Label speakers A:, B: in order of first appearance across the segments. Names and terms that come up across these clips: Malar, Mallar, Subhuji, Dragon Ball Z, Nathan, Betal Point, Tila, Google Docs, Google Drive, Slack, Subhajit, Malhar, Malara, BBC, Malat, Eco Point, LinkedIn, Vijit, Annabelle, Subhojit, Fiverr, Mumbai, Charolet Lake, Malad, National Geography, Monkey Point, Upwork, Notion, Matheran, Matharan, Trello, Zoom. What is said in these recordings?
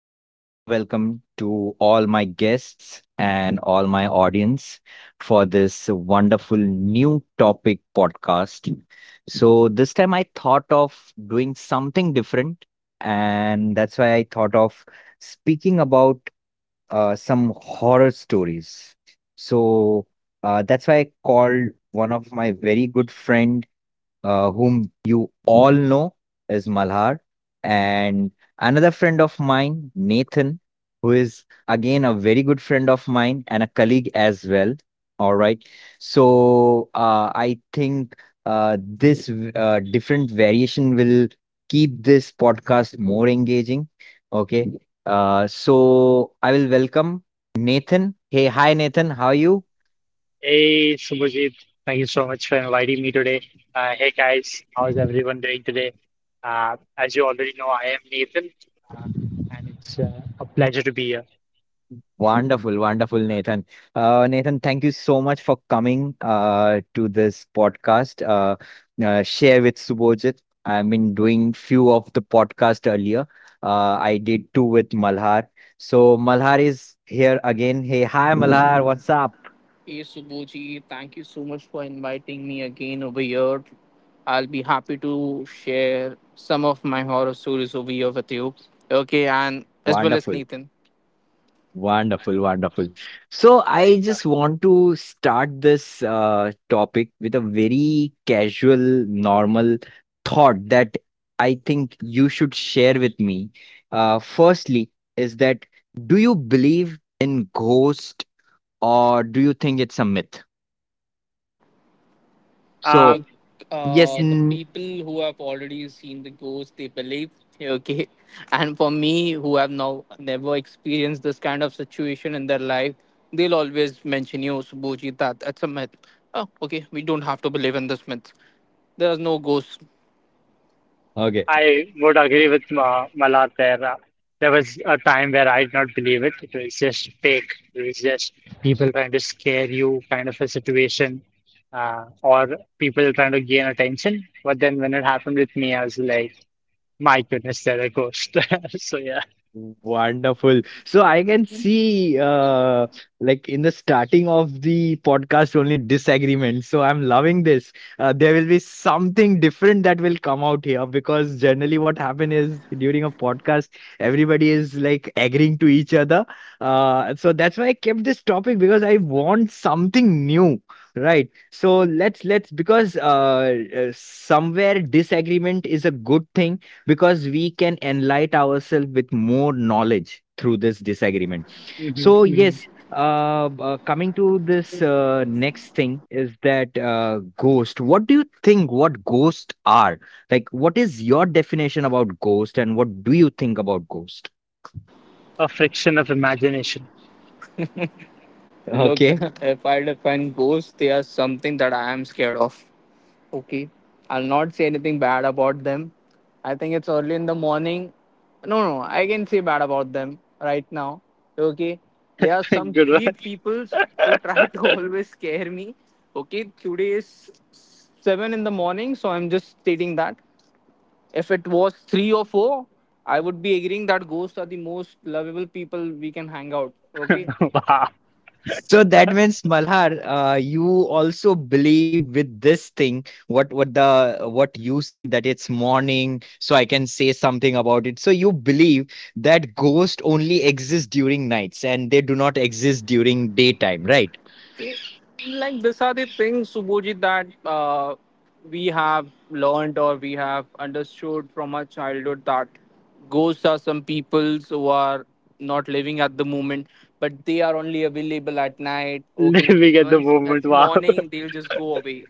A: very warm welcome to all my guests and all my audience for this wonderful new topic podcast. So, this time I thought of doing something different, and that's why I thought of speaking about some horror stories. So, that's why I called one of my very good friend whom you all know is Malhar, and another friend of mine, Nathan, who is again a very good friend of mine and a colleague as well. All right. So I think this different variation will keep this podcast more engaging. Okay. So I will welcome Nathan. Hey, hi, Nathan. How are you?
B: Hey Subhajit, thank you so much for inviting me today. Hey guys, how is everyone doing today? As you already know, I am Nathan, uh, and it's a pleasure to be here.
A: Wonderful, wonderful, Nathan. Nathan, thank you so much for coming to this podcast. Share with Subhojit. I've been doing few of the podcast earlier. I did two with Malhar. So Malhar is here again. Hey, hi Malhar, what's up?
C: Hey Subhuji, thank you so much for inviting me again over here. I'll be happy to share some of my horror stories over here with you. Okay, and as well as
A: Wonderful.
C: Nathan.
A: Wonderful, wonderful. So
B: Hey,
A: I just want to start this topic with a very casual, normal thought that I think you should share with me. Firstly, is that do you believe in ghost or do you think it's a myth?
B: uh,
A: So
B: Um,
C: Look,
A: yes,
C: the people who have already seen the ghost, they believe. Okay, and for me, who have now never experienced this kind of situation in their life, they'll always mention you, Subhuji, that that's a myth. Oh, okay, we don't have to believe in this myth. There is no ghost.
B: I would agree with Ma Malat there. There was a time where I did not believe it. It was just fake. It was just people trying to scare you, kind of a situation, or people trying to gain attention. But then when it happened with me, I was like, my goodness, there I goes. So yeah.
A: wonderful. So I can see, like in the starting of the podcast, only disagreement. So I'm loving this. There will be something different that will come out here because generally what happen is during a podcast, everybody is like agreeing to each other. So that's why I kept this topic because I want something new. Right. So let's because somewhere disagreement is a good thing because we can enlighten ourselves with more knowledge through this disagreement.
B: Mhm,
A: So,
B: mhm.
A: yes, coming to this next thing is that ghost. What do you think what ghosts are? Like, what is your definition about ghost and what do you think about ghost?
B: A friction of imagination.
C: Look,
A: Okay.
C: if I define ghosts, they are something that I am scared of. Okay. I'll not say anything bad about them. I think it's early in the morning. No, no, I can say bad about them right now. Okay. There are some
B: Good one.
C: creep peoples who try to always scare me. Okay. Today is 7 in the morning, so I'm just stating that. If it was 3 or 4, I would be agreeing that ghosts are the most lovable people we can hang out. Okay.
B: Wow,
A: So that means, Malhar, you also believe with this thing, what you said that it's morning, so I can say something about it. So you believe that ghosts only exist during nights and they do not exist during daytime, right?
C: Like, these are the things, Subhojit, that we have learned or we have understood from our childhood, that ghosts are some peoples who are not living at the moment, but they are only available at night. Okay,
B: living at the
C: once
B: moment.
C: it's
B: Wow.
C: morning, they'll just go away.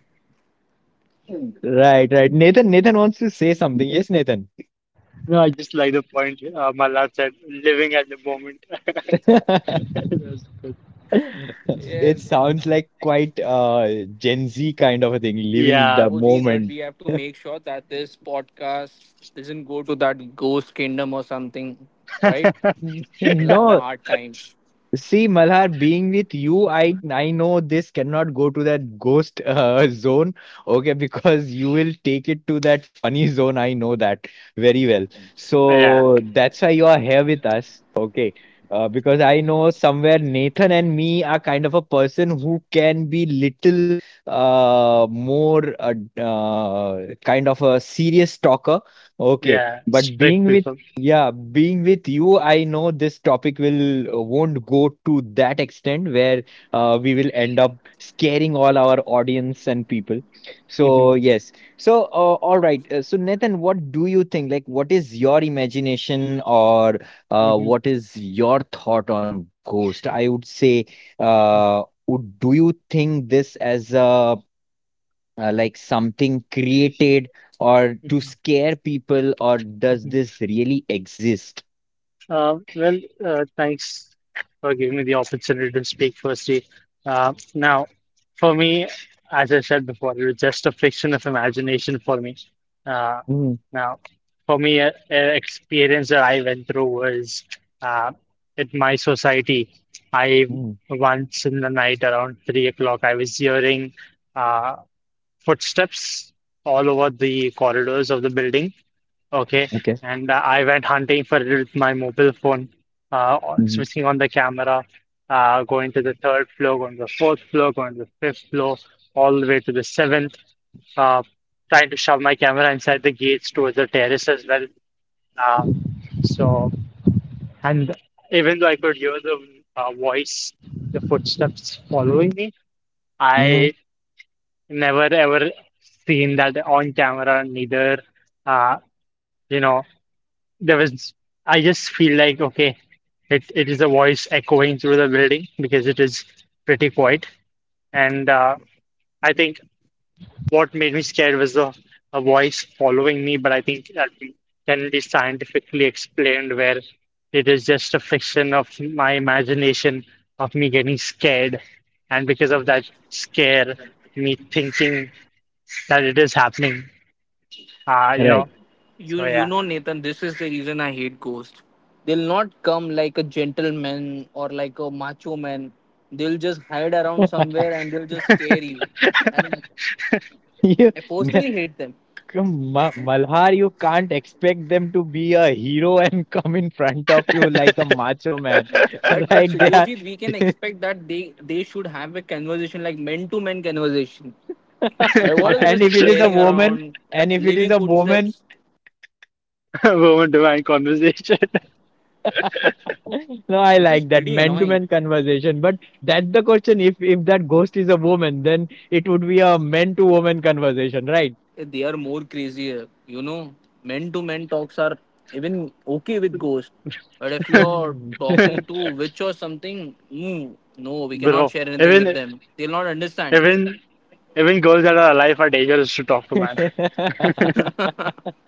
A: Right, right. Nathan, Nathan wants to say something. Yes, Nathan.
B: No, I just like the point Malad said. Living at the moment. That was good.
A: It
C: Yes,
A: sounds like quite Gen Z kind of a thing, living
B: Yeah.
A: the
C: Subhojit, but
A: moment.
C: we have to make sure that this podcast doesn't go to that ghost kingdom or something, right? We'll have a
A: No,
C: hard time.
A: see, Malhar, being with you, I know this cannot go to that ghost zone, okay, because you will take it to that funny zone. I know that very well.
B: Yeah.
A: So that's why you are here with us, okay? Because I know somewhere Nathan and me are kind of a person who can be little more kind of a serious talker, okay?
B: Yeah.
A: But
B: Strict
A: being with
B: people.
A: yeah, being with you, I know this topic will won't go to that extent where we will end up scaring all our audience and people. So
B: Hmm.
A: yes. So all right. So Nathan, what do you think? Like, what is your imagination or
B: Hmm.
A: what is your thought on ghost? I would say, do you think this as a like something created? Or to
B: Hmm.
A: scare people or does this really exist?
B: Well, thanks for giving me the opportunity to speak firstly. Now, for me, as I said before, it was just a fiction of imagination for me. Uh,
A: Mhm,
B: now, for me, an experience that I went through was uh, at my society. I
A: mm,
B: Once in the night around 3 o'clock, I was hearing uh, footsteps all over the corridors of the building. Okay,
A: okay.
B: and I went hunting for it with my mobile phone, or
A: Mhm,
B: switching on the camera, going to the third floor, going to the fourth floor, going to the fifth floor, all the way to the seventh, uh, trying to shove my camera inside the gates towards the terrace as well. Uh, so, and even though I could hear the voice, the footsteps following me,
A: mhm,
B: I never ever seen that on camera, neither, uh, you know. There was I just feel like, okay, it is a voice echoing through the building because it is pretty quiet. And I think what made me scared was the a voice following me, but I think that can be scientifically explained where it is just a fiction of my imagination of me getting scared, and because of that scare, me thinking that it is happening. Uh, you know.
A: right.
C: You
B: So
C: you
B: yeah,
C: know, Nathan, this is the reason I hate ghosts. They'll not come like a gentleman or like a macho man. They'll just hide around somewhere and they'll just scare you. And
A: You
C: I personally hate them.
A: come Ma Malhar, you can't expect them to be a hero and come in front of you like a macho man,
C: But
A: right? They are
C: Subhojit, we can expect that they should have a conversation like men to men conversation. What is
A: And
C: this
A: if it is a
C: scaring
A: woman,
C: around,
A: and if it is
C: leaving
A: a woman,
C: footsteps?
B: moment to my conversation.
A: no, I
C: This is
A: like that
C: pretty annoying.
A: man-to-man conversation. But that's the question. If that ghost is a woman, then it would be a man-to-woman conversation, right?
C: They are more crazier. You know, men to men talks are even okay with ghost, but if you're
A: Mm.
C: talking to witch or something, no, no,
B: Bro,
C: we cannot share
B: even
C: anything with them. They'll not understand.
B: even even girls that are alive are dangerous to talk to, man.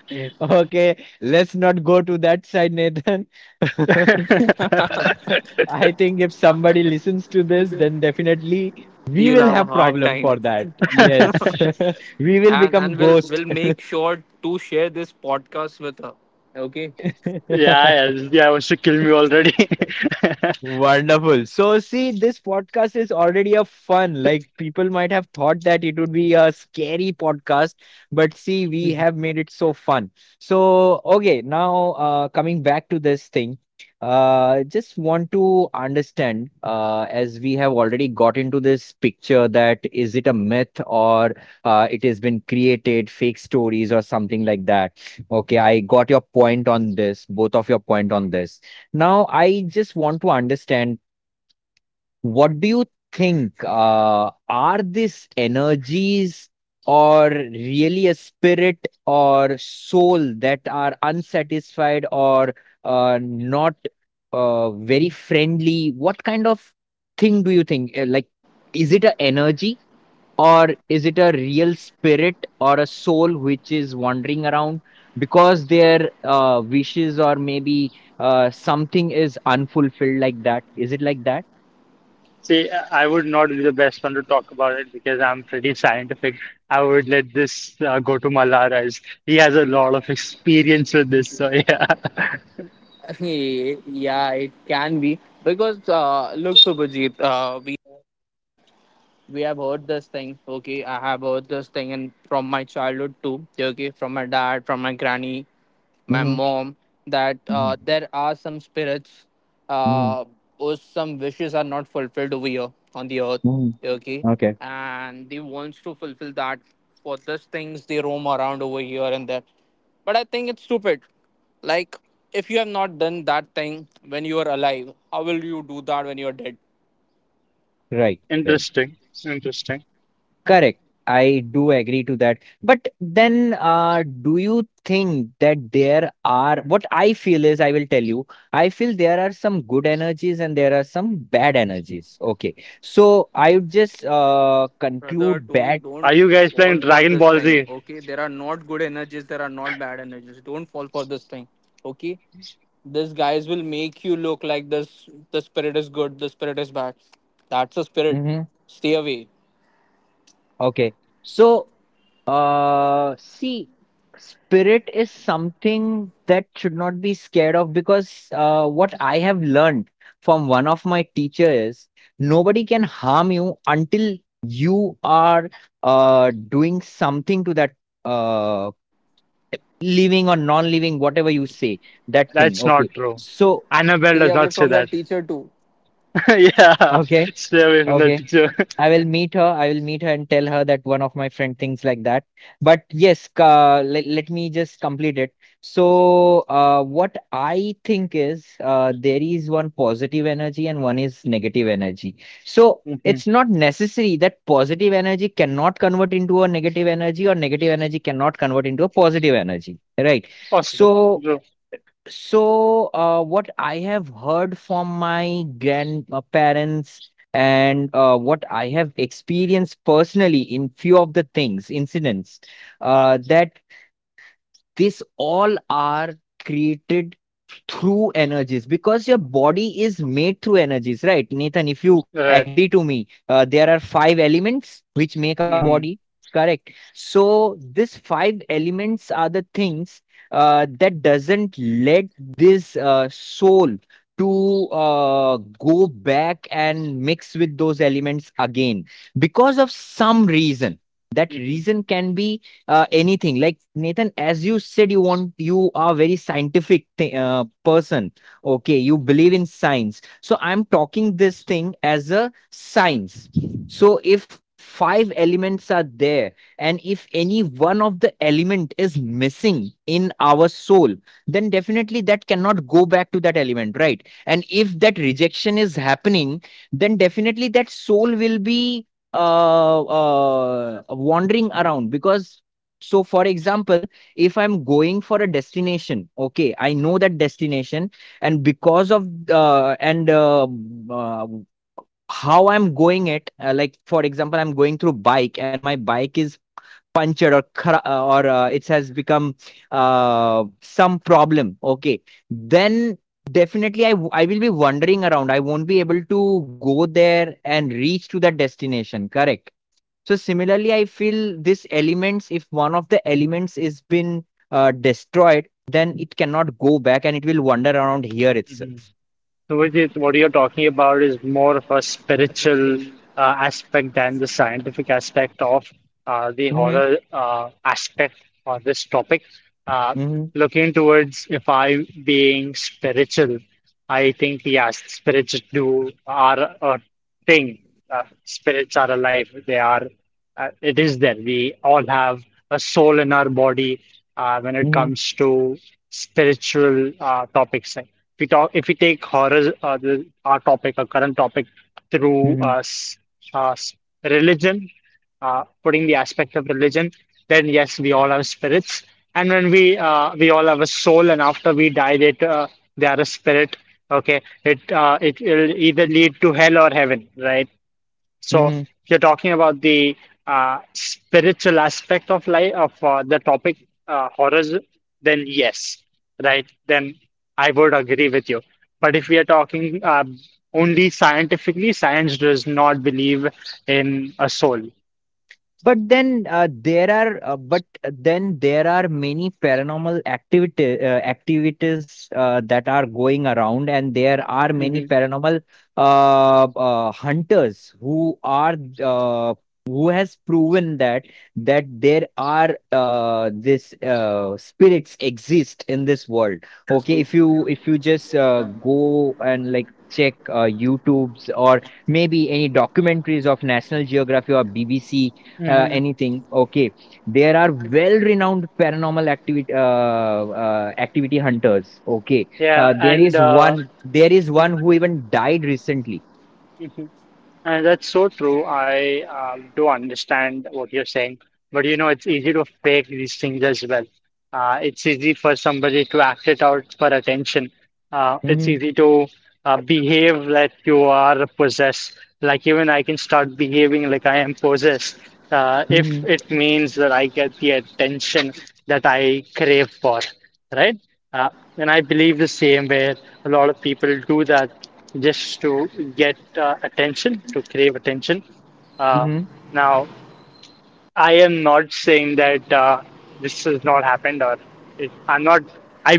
A: Okay, let's not go to that side, Nathan. I think if somebody listens to this, then definitely we
C: You'll
A: will
C: have a
A: have
C: hard
A: problem for
C: time,
A: that. Yes, we will
C: and
A: become
C: and we'll
A: ghost.
C: we'll make sure to share this podcast with her. Okay.
B: Yeah, yeah, yeah, wants to kill me already.
A: Wonderful. So, see, this podcast is already a fun. Like, people might have thought that it would be a scary podcast, but see, we have made it so fun. So, okay, now coming back to this thing, just want to understand as we have already got into this picture that is it a myth or it has been created, fake stories or something like that. Okay, I got your point on this, both of your point on this. Now, I just want to understand what do you think? Are these energies or really a spirit or soul that are unsatisfied or not very friendly? What kind of thing do you think? Like, is it a energy? Or is it a real spirit or a soul which is wandering around because their wishes or maybe something is unfulfilled like that? Is it like that?
B: See, I would not be the best one to talk about it because I'm pretty scientific. I would let this go to Malara as he has a lot of experience with this. So yeah,
C: Yeah, it can be because look, Subhajit, we have heard this thing. Okay, I have heard this thing, and from my childhood too. Okay, from my dad, from my granny, my
A: Mm-hmm.
C: mom, that there are some spirits,
A: Mm-hmm.
C: uh, or some wishes are not fulfilled over here on the earth.
A: Mm-hmm.
C: Okay,
A: Okay.
C: and they wants to fulfill that. For those things, they roam around over here and there. But I think it's stupid. Like, if you have not done that thing when you are alive, how will you do that when you are dead?
A: Right. Right.
B: interesting, interesting.
A: Correct. I do agree to that. But then, do you think that there are what I feel is I will tell you, I feel there are some good energies and there are some bad energies. Okay. So I would just
C: Brother,
A: conclude
C: don't
A: bad.
C: don't
B: Are you guys
C: fall
B: playing
C: for
B: Dragon
C: this
B: Ball
C: thing.
B: Z?
C: Okay, there are not good energies, there are not bad energies. Don't fall for this thing. Okay. These guys will make you look like this. The spirit is good. The spirit is bad. That's a spirit.
A: Mhm.
C: Stay away.
A: Okay. So see, spirit is something that should not be scared of because what I have learned from one of my teacher is nobody can harm you until you are doing something to that uh, living or non-living, whatever you say, that thing.
B: That's not
A: Okay.
B: true.
A: So,
B: Annabelle
C: Stay
B: does
C: away
B: not say
C: from that
B: that.
C: teacher too.
B: Yeah,
A: okay,
B: stay away from that
A: okay.
B: picture.
A: I will meet her. I will meet her and tell her that one of my friend thinks like that. But yes, let me just complete it. So, what I think is there is one positive energy and one is negative energy. So,
B: Mhm.
A: it's not necessary that positive energy cannot convert into a negative energy or negative energy cannot convert into a positive energy, right?
B: Possible.
A: So,
B: No.
A: so, what I have heard from my grandparents and what I have experienced personally in few of the things, incidents, that this all are created through energies because your body is made through energies, right? Nathan, if you agree
B: Right.
A: to me, there are five elements which make our
B: Hmm.
A: body, correct? So these five elements are the things that doesn't let this soul to go back and mix with those elements again because of some reason. That
B: Hmm.
A: reason can be anything like nathan as you said you are very scientific person, okay, you believe in science, so I'm talking this thing as a science. So if five elements are there and if any one of the element is missing in our soul, then definitely that cannot go back to that element, right? And if that rejection is happening, then definitely that soul will be wandering around because so, for example, if I'm going for a destination, okay, I know that destination, and because of and uh, how I'm going it, like for example, I'm going through bike, and my bike is punctured or it has become some problem. Okay, then definitely I will be wandering around. I won't be able to go there and reach to that destination. Correct. So similarly, I feel this elements, if one of the elements is been destroyed, then it cannot go back and it will wander around here itself.
B: Hmm. So Vijit, what you're talking about is more of a spiritual aspect than the scientific aspect of the
A: Mm-hmm.
B: horror aspect or this topic. Uh,
A: Mm-hmm.
B: Looking towards if I being spiritual, I think yes, spirits do are a thing. Spirits are alive. They are. It is there. We all have a soul in our body when it comes to spiritual topics. Like, if we take horror, our current topic, through
A: Mm-hmm.
B: uh, s- religion, putting the aspect of religion, then yes, we all have spirits, and when we all have a soul, and after we die, they are a spirit. Okay, it will either lead to hell or heaven, right? So
A: Mm-hmm.
B: you're talking about the spiritual aspect of life of the topic horrors, then yes, right? Then I would agree with you. But if we are talking only scientifically, science does not believe in a soul.
A: But then there are but then there are many paranormal activity activities that are going around, and there are many
B: Hmm.
A: paranormal hunters who are uh, who has proven that that there are this spirits exist in this world. Okay, if you just go and like check YouTube's or maybe any documentaries of National Geography or BBC
B: Hmm.
A: anything, okay, there are well renowned paranormal activity activity hunters, okay,
B: Yeah, and
A: there is one who even died recently.
B: That's so true. I do understand what you're saying, but it's easy to fake these things as well. It's easy for somebody to act it out for attention. It's
A: Mm-hmm.
B: easy to behave like you are possessed. Like even I can start behaving like I am possessed if
A: Mm-hmm.
B: it means that I get the attention that I crave for, right? Uh, and I believe the same way a lot of people do that just to get attention, to crave attention. Uh,
A: Hmm.
B: now, I am not saying that this has not happened, or I'm not. I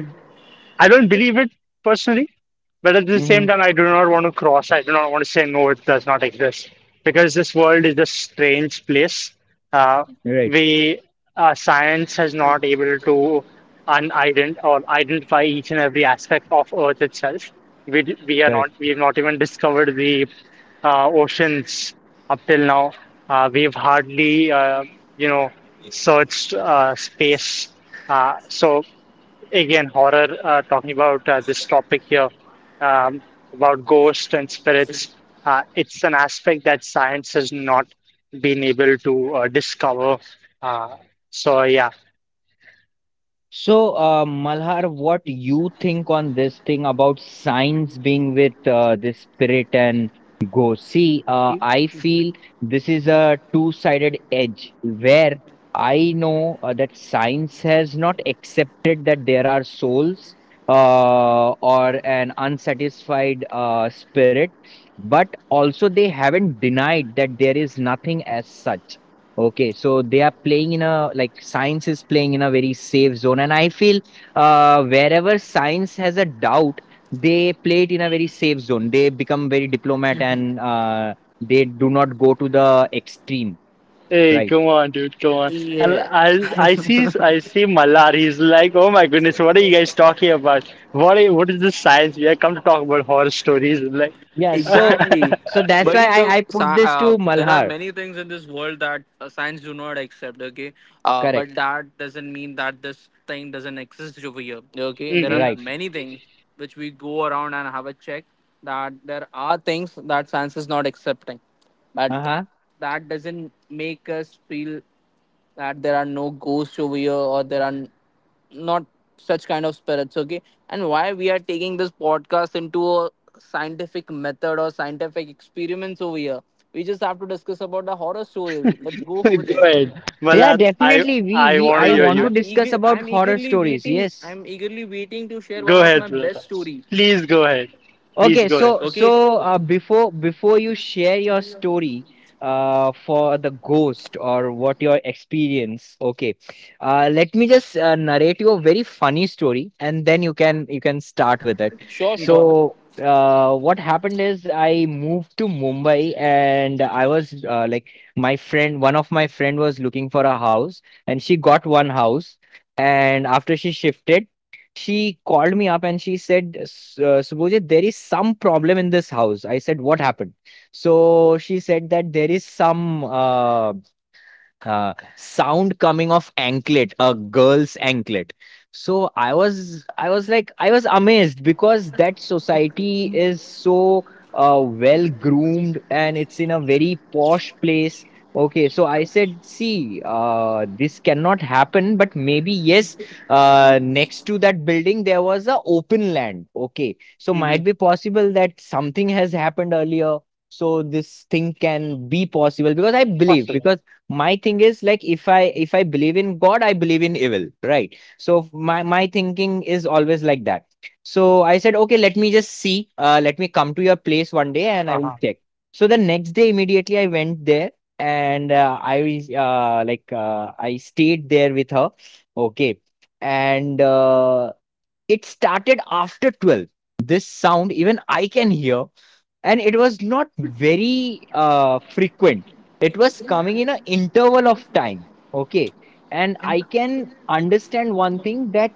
B: I don't believe it personally, but at the
A: Mm-hmm.
B: same time, I do not want to cross. I do not want to say no, it does not exist because this world is a strange place. Uh,
A: Right.
B: we Science has not able to unident or identify each and every aspect of Earth itself. We d- we are not
A: Correct.
B: we've not even discovered the oceans up till now. We've hardly you know searched space. So again horror talking about this topic here, um, about ghosts and spirits, it's an aspect that science has not been able to discover, uh, so yeah.
A: So, Malhar, what you think on this thing about science being with the spirit and ghost? See, I feel this is a two-sided edge where I know that science has not accepted that there are souls or an unsatisfied spirit, but also they haven't denied that there is nothing as such. Okay, so they are playing in a like science is playing in a very safe zone, and I feel wherever science has a doubt, they play it in a very safe zone. They become very diplomat and they do not go to the extreme,
B: Hey,
A: right?
B: come on, dude, come on. And
C: Yeah.
B: I see Mallar. He's like, oh my goodness, what are you guys talking about? What is this science? We have come to talk about horror stories. Like.
A: Yeah, so
C: Exactly.
A: so that's why
C: Buddy,
A: I
C: look,
A: I put this to
C: there are
A: Malhar.
C: many things in this world that science do not accept, okay?
A: Correct,
C: But that doesn't mean that this thing doesn't exist over here, okay? There are
B: Hmm.
A: right?
C: many things which we go around and have a check, that there are things that science is not accepting. But
A: Uh huh.
C: that doesn't make us feel that there are no ghosts over here, or there are not such kind of spirits. Okay, and why we are taking this podcast into a scientific method or scientific experiments over here? We just have to discuss about the horror stories. Let's go over
B: Go
C: there.
B: ahead,
A: Yeah,
B: Mallar. I,
A: definitely. We
B: I
A: we
B: want
C: i'm
B: to
A: I
B: hear
C: i'm,
A: want
B: you.
A: to
C: I'm
A: discuss
C: eager
A: about
C: i'm
A: horror
C: eagerly
A: stories.
C: waiting
A: Yes.
C: i'm eagerly waiting to share one
B: Go
C: of
B: ahead,
C: my best
B: brother.
C: story.
B: Please go ahead. Please
A: Okay,
B: go ahead.
A: so
C: Okay,
A: so uh, before you share your story for the ghost or what your experience, okay, let me just narrate you a very funny story, and then you can start with it.
C: sure, sure.
B: Hmm.
A: So what happened is, I moved to Mumbai and I was like, my friend, one of my friend, was looking for a house, and she got one house. And after she shifted, she called me up and she said, Subhojit, there is some problem in this house." I said, "What happened?" So she said that there is some sound coming off anklet a girl's anklet. So I was amazed, because that society is so well groomed and it's in a very posh place. Okay, so I said, see, this cannot happen, but maybe yes. Next to that building there was a open land, okay, so might
B: Hmm.
A: be possible that something has happened earlier. So this thing can be possible because I believe,
B: Possible.
A: because my thing is like, if I believe in god, I believe in evil, right? So my thinking is always like that. So I said, okay, let me come to your place one day and I will
B: Uh-huh.
A: check. So the next day immediately I went there, and I like I stayed there with her. Okay. And it started after 12. This sound even I can hear, and it was not very frequent. It was coming in an interval of time. Okay. And I can understand one thing, that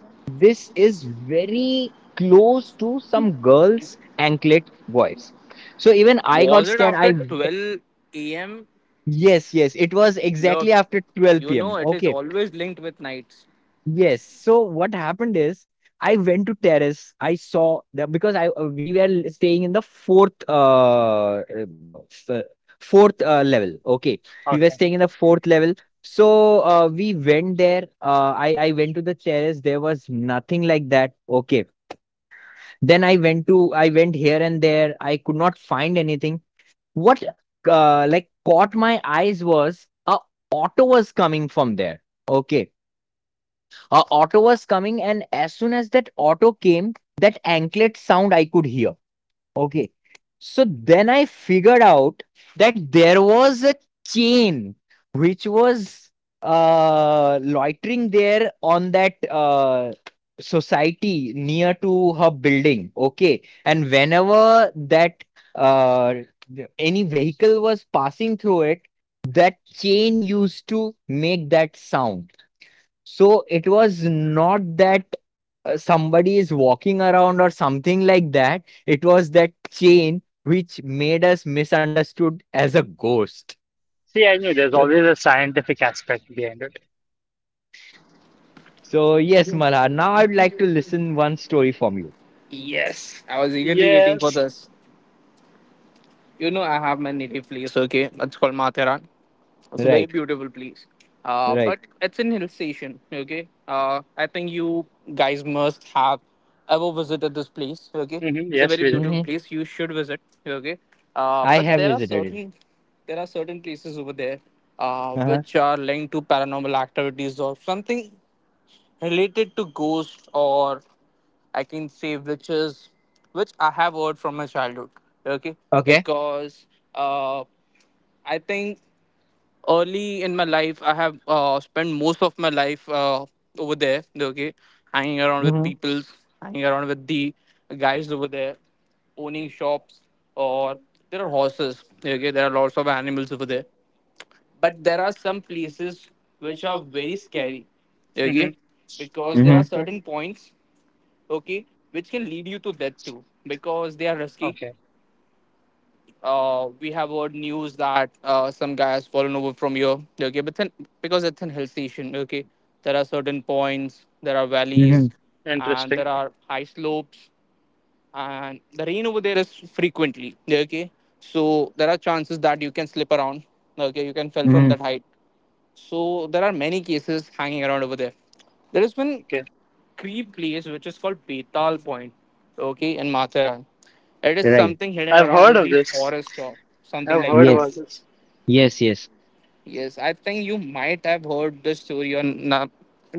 A: this is very close to some girl's anklet voice. So even I got
C: Was it
A: scared.
C: after
A: I
C: 12 a.m?
A: Yes, yes, it was exactly
C: Look,
A: after 12
C: you know
A: p.m.,
C: it is
A: okay.
C: always linked with nights.
A: Yes. So what happened is, I went to terrace. I saw the Because I, we were staying in the fourth no, f- fourth level. Okay, we were
B: Okay.
A: staying in the fourth level. So we went there. I went to the terrace. There was nothing like that. Okay. Then I went here and there. I could not find anything. What like caught my eyes was, a auto was coming from there. Okay, a auto was coming, and as soon as that auto came, that anklet sound I could hear. Okay. So then I figured out that there was a chain which was loitering there on that society, near to her building. Okay. And whenever that uh, any vehicle was passing through it, that chain used to make that sound. So it was not that somebody is walking around or something like that. It was that chain which made us misunderstood as a ghost.
B: See, I knew there's
A: So,
B: always a scientific aspect behind it.
A: so, yes, Malhar, now I'd like to listen one story from you.
C: Yes, I was eagerly waiting for
B: Yes.
C: this. You know, I have my native place, okay? It's called Matharan. It's a very
A: Right,
C: beautiful place.
A: right.
C: But it's in hill station, okay? I think you guys must have ever visited this place, okay?
B: Hmm.
C: It's a
B: Yes,
C: very
B: we did.
C: beautiful
A: Hmm.
C: place. You should visit, okay?
A: I
C: But
A: have visited it.
C: there are certain places over there,
A: Uh-huh.
C: which are linked to paranormal activities or something related to ghosts, or I can say witches, which I have heard from my childhood. Okay,
A: Okay.
C: because uh, I think early in my life I have spent most of my life over there. Okay, hanging around with
A: Hmm.
C: people, hanging around with the guys over there, owning shops, or there are horses. Okay, there are lots of animals over there, but there are some places which are very scary. Okay,
B: Hmm.
C: because there are
A: Hmm.
C: certain points, okay, which can lead you to death too, because they are risky.
B: Okay.
C: We have heard news that some guy has fallen over from here. Okay, but then, because it's an hill station, okay, there are certain points, there are
A: Hmm.
C: valleys, and
B: Interesting.
C: there are high slopes, and the rain over there is frequently. Okay, so there are chances that you can slip around, okay, you can fall from
A: Hmm.
C: that height. So there are many cases hanging around over there. There is one
B: Okay.
C: creep place which is called Betal Point, okay, in Mathura. It is
A: Right.
C: something hidden
B: I've heard
C: around
B: of
C: the
B: this.
C: forest or something
B: I've
C: like
B: heard
C: that.
B: about
A: Yes.
B: this.
A: Yes, yes.
C: Yes, I think you might have heard the story or not.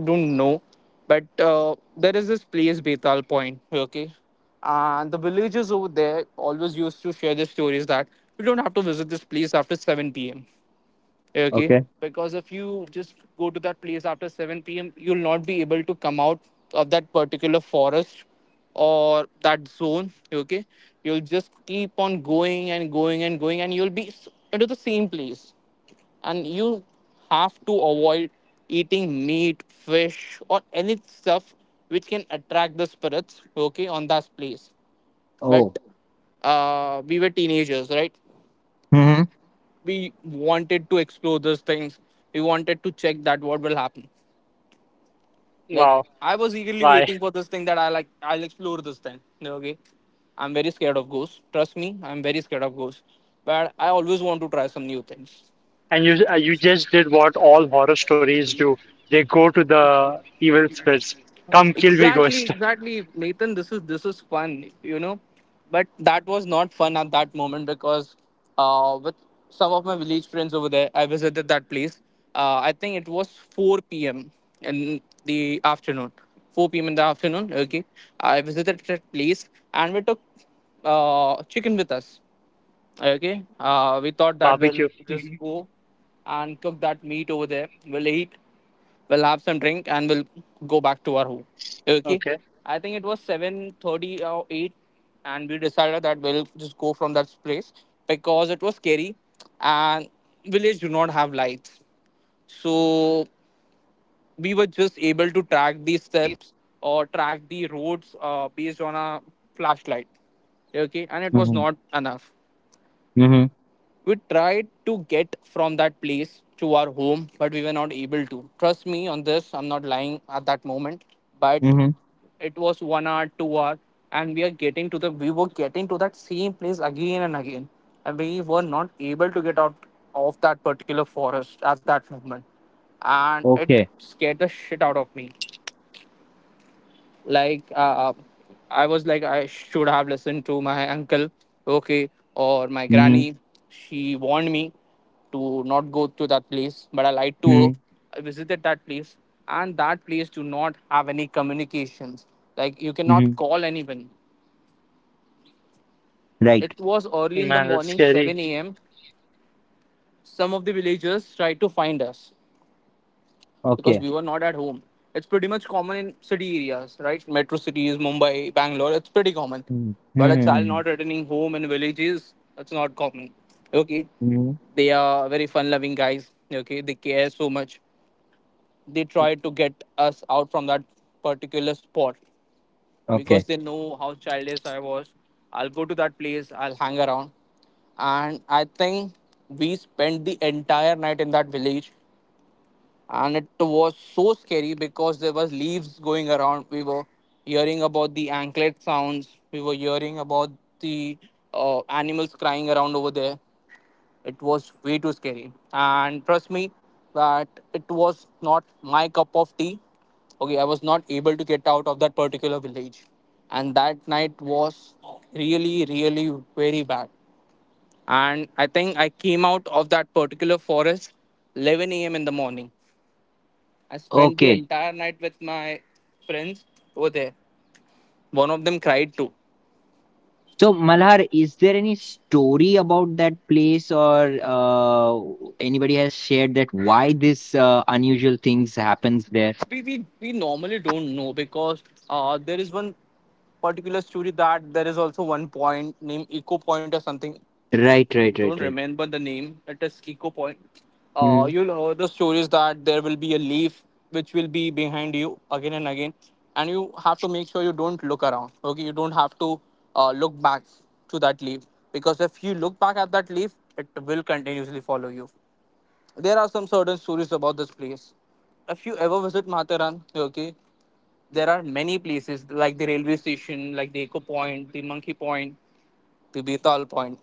C: Don't know, but there is this place Betal Point, okay, and the villagers over there always used to share the stories that you don't have to visit this place after 7 p.m. Okay,
A: Okay.
C: because if you just go to that place after 7 p.m, you'll not be able to come out of that particular forest or that zone. Okay, you'll just keep on going and going and going, and you'll be into the same place, and you have to avoid eating meat, fish, or any stuff which can attract the spirits, okay, on that place. But
A: Oh.
C: we were teenagers, right?
A: Mm-hmm.
C: We wanted to explore those things. We wanted to check that what will happen. Like,
B: Wow.
C: I was eagerly
B: Why?
C: waiting for this thing, that I like, I'll explore this thing. Okay, I'm very scared of ghosts. Trust me, I'm very scared of ghosts. But I always want to try some new things.
B: And you just did what all horror stories do. They go to the evil spirits. Come kill me,
C: Exactly,
B: ghost.
C: exactly, Nathan. This is fun, you know, but that was not fun at that moment because with some of my village friends over there, I visited that place. I think it was 4 p.m. in the afternoon. 4 p.m. in the afternoon. Okay, I visited that place and we took chicken with us. Okay. We thought that we'll
B: Barbecue.
C: just
B: Hmm.
C: go and cook that meat over there. We'll eat, we'll have some drink, and we'll go back to our home. Okay.
B: Okay.
C: I think it was 7:30 or eight, and we decided that we'll just go from that place because it was scary, and village do not have lights, so we were just able to track the steps or track the roads, based on a flashlight. Okay, and it was
A: Mm-hmm.
C: not enough.
A: Mm-hmm.
C: We tried to get from that place to our home, but we were not able to. Trust me on this, I'm not lying at that moment. But
A: Mm-hmm.
C: it was 1 hour, 2 hour, and we were getting to that same place again and again. And we were not able to get out of that particular forest at that moment. And it
A: Okay.
C: scared the shit out of me. Like, I was like, I should have listened to my uncle, okay, or my
A: Mm-hmm.
C: granny. She warned me to not go to that place, but I lied to her.
A: Mm-hmm.
C: I visited that place, and that place do not have any communications, like, you cannot
A: Mhm.
C: call anyone.
A: Right.
C: It was early in the
B: Man, that's
C: morning,
B: scary.
C: 7 a.m. Some of the villagers tried to find us because
A: Okay.
C: we were not at home. It's pretty much common in city areas, right? Metro cities, Mumbai, Bangalore, it's pretty common.
A: Mm.
C: But a child
A: Mhm.
C: not returning home in villages, that's not common. Okay.
A: Mhm.
C: They are very fun loving guys. Okay. They care so much. They try to get us out from that particular spot because
A: Okay.
C: they know how childish I was. I'll go to that place, I'll hang around. And I think we spent the entire night in that village, and it was so scary because there was leaves going around, we were hearing about the anklet sounds, we were hearing about the animals crying around over there. It was way too scary, and trust me that it was not my cup of tea. Okay, I was not able to get out of that particular village, and that night was really, really very bad. And I think I came out of that particular forest 11 a.m in the morning. I spent the
A: Okay.
C: entire night with my friends over there. One of them cried too.
A: So, Malhar, is there any story about that place, or anybody has shared that why this unusual things happens there?
C: We normally don't know because there is one particular story that there is also one point named Eco Point or something.
A: Right,
C: I
A: right,
C: don't
A: right, right.
C: remember the name. It is Eco Point.
A: Mhm.
C: You'll hear the stories that there will be a leaf which will be behind you again and again, and you have to make sure you don't look around. Okay, you don't have to look back to that leaf because if you look back at that leaf, it will continuously follow you. There are some certain stories about this place. If you ever visit Mataran, okay, there are many places like the railway station, like the Eco Point, the Monkey Point, the Betal Point.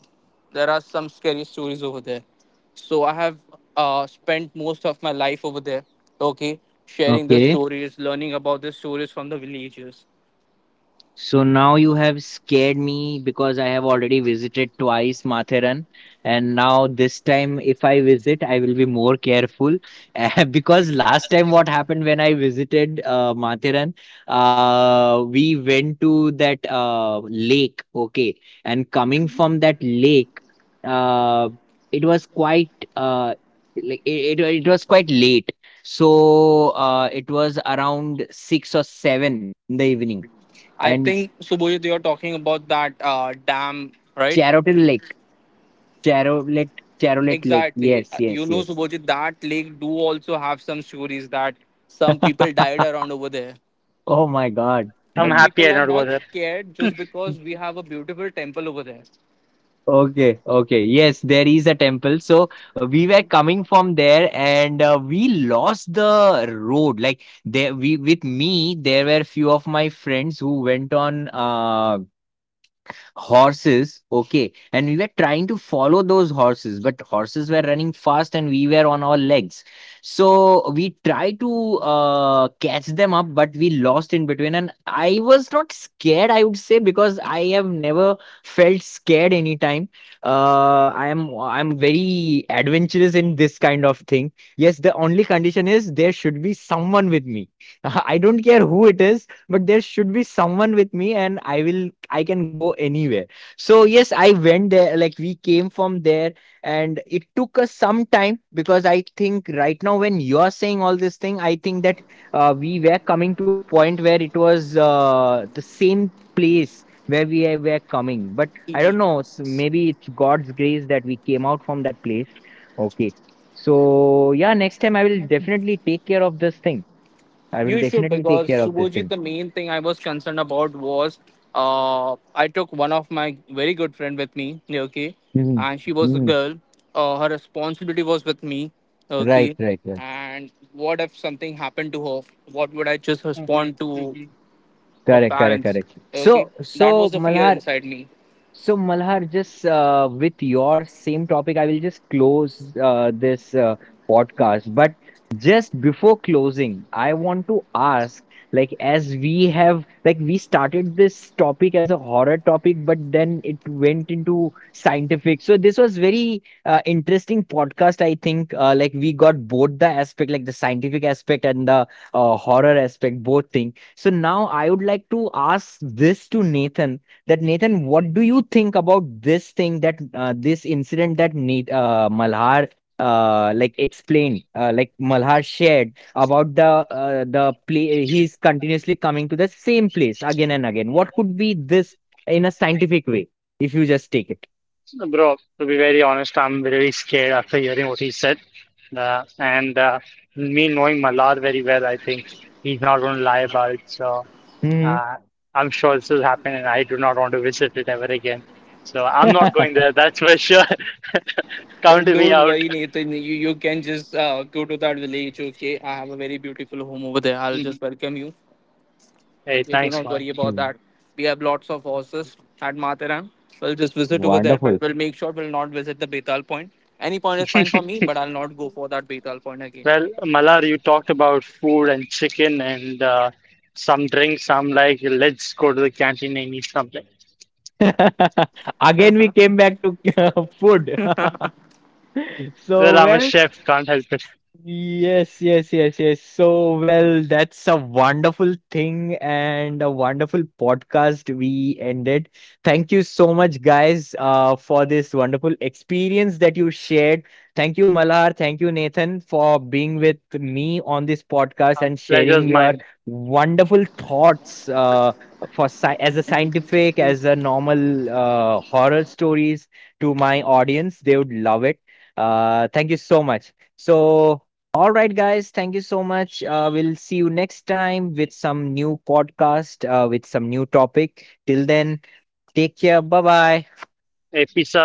C: There are some scary stories over there. So I have spent most of my life over there, okay, sharing the
A: Okay.
C: stories, learning about the stories from the villagers.
A: So now you have scared me, because I have already visited twice Matheran. And now this time, if I visit, I will be more careful because last time, what happened, when I visited Matheran, we went to that lake, okay, and coming from that lake, uh, it was quite like it was quite late. So it was around six or seven in the evening.
C: I
A: And
C: think Subhojit, you're talking about that dam, right?
A: Charotin Lake. Charolet Charolet Lake.
C: Exactly.
A: Yes,
C: You
A: yes,
C: know,
A: yes.
C: Subhojit, that lake do also have some stories that some people died around over there.
A: Oh my God.
B: I'm
C: But
B: happy
C: people
B: I
C: are
B: don't go
C: not
B: there.
C: scared just because we have a beautiful temple over there.
A: Okay, okay. Yes, there is a temple. So we were coming from there, and we lost the road. Like, there we with me, there were few of my friends who went on horses, okay, and we were trying to follow those horses, but horses were running fast and we were on our legs. So we tried to catch them up, but we lost in between. And I was not scared, I would say, because I have never felt scared anytime. I'm very adventurous in this kind of thing. Yes, the only condition is there should be someone with me. I don't care who it is, but there should be someone with me, and I can go anywhere. So yes, I went there. Like, we came from there, and it took us some time, because I think right now, when you're saying all this thing, I think that we were coming to a point where it was the same place where we were coming. But I don't
C: Y-
A: know, maybe it's god's grace that we came out from that place, okay. So yeah, next time I will definitely take care of this thing. I will
C: You should,
A: definitely take
C: because
A: care of this
C: Subhojit,
A: thing.
C: the main thing I was concerned about was, I took one of my very good friend with me, okay,
A: Mhm,
C: and she was a
A: mhm.
C: girl. Her responsibility was with me,
A: Right,
C: okay.
A: right, right.
C: And what if something happened to her? What would I just
B: Hmm.
C: respond to?
B: Hmm.
C: Her
A: Correct, correct,
C: parents.
A: correct.
C: Okay,
A: So
C: that
A: so
C: was the fear
A: Malhar.
C: inside me.
A: So, Malhar, just with your same topic, I will just close this podcast. But just before closing, I want to ask, like, as we have, like, we started this topic as a horror topic, but then it went into scientific. So this was very interesting podcast. I think, like, we got both the aspect, like the scientific aspect and the horror aspect, both thing. So now I would like to ask this to Nathan, that Nathan, what do you think about this thing, that this incident that Malhar like explained, like Malhar shared about the the play? He's continuously coming to the same place again and again. What could be this in a scientific way, if you just take it?
B: Bro, to be very honest, I'm very scared after hearing what he said. And me knowing Malad very well, I think he's not going to lie about it. So
A: Mhm.
B: uh, I'm sure this will happen, and I do not want to visit it ever again. So I'm not going there, that's for sure. Count
C: But
B: me
C: don't
B: out.
C: worry, Nathan. You can just go to that village. Okay, I have a very beautiful home over there. I'll
B: Mhm.
C: just welcome you.
B: Hey,
C: Okay, do
B: thanks,
C: not
B: man.
C: worry about that. We have lots of horses at Mataram. We'll just visit over there, but
A: Wonderful.
C: we'll make sure we'll not visit the Betal point. Any point is fine for me, but I'll not go for that Betal point again.
B: Well, Malar, you talked about food and chicken and some drinks. I'm like, let's go to the canteen and eat something.
A: Again, we came back to food.
B: Well,
A: So,
B: I'm a
A: well.
B: chef, can't help.
A: Yes, yes, yes, yes. So, well, that's a wonderful thing, and a wonderful podcast we ended. Thank you so much, guys, for this wonderful experience that you shared. Thank you, Malhar. Thank you, Nathan, for being with me on this podcast and sharing
B: Pleasure's
A: your
B: mine,
A: wonderful thoughts, for sci as a scientific, as a normal horror stories, to my audience. They would love it. Thank you so much. So, all right, guys. Thank you so much. We'll see you next time with some new podcast, with some new topic. Till then, take care. Bye bye.
B: a piece.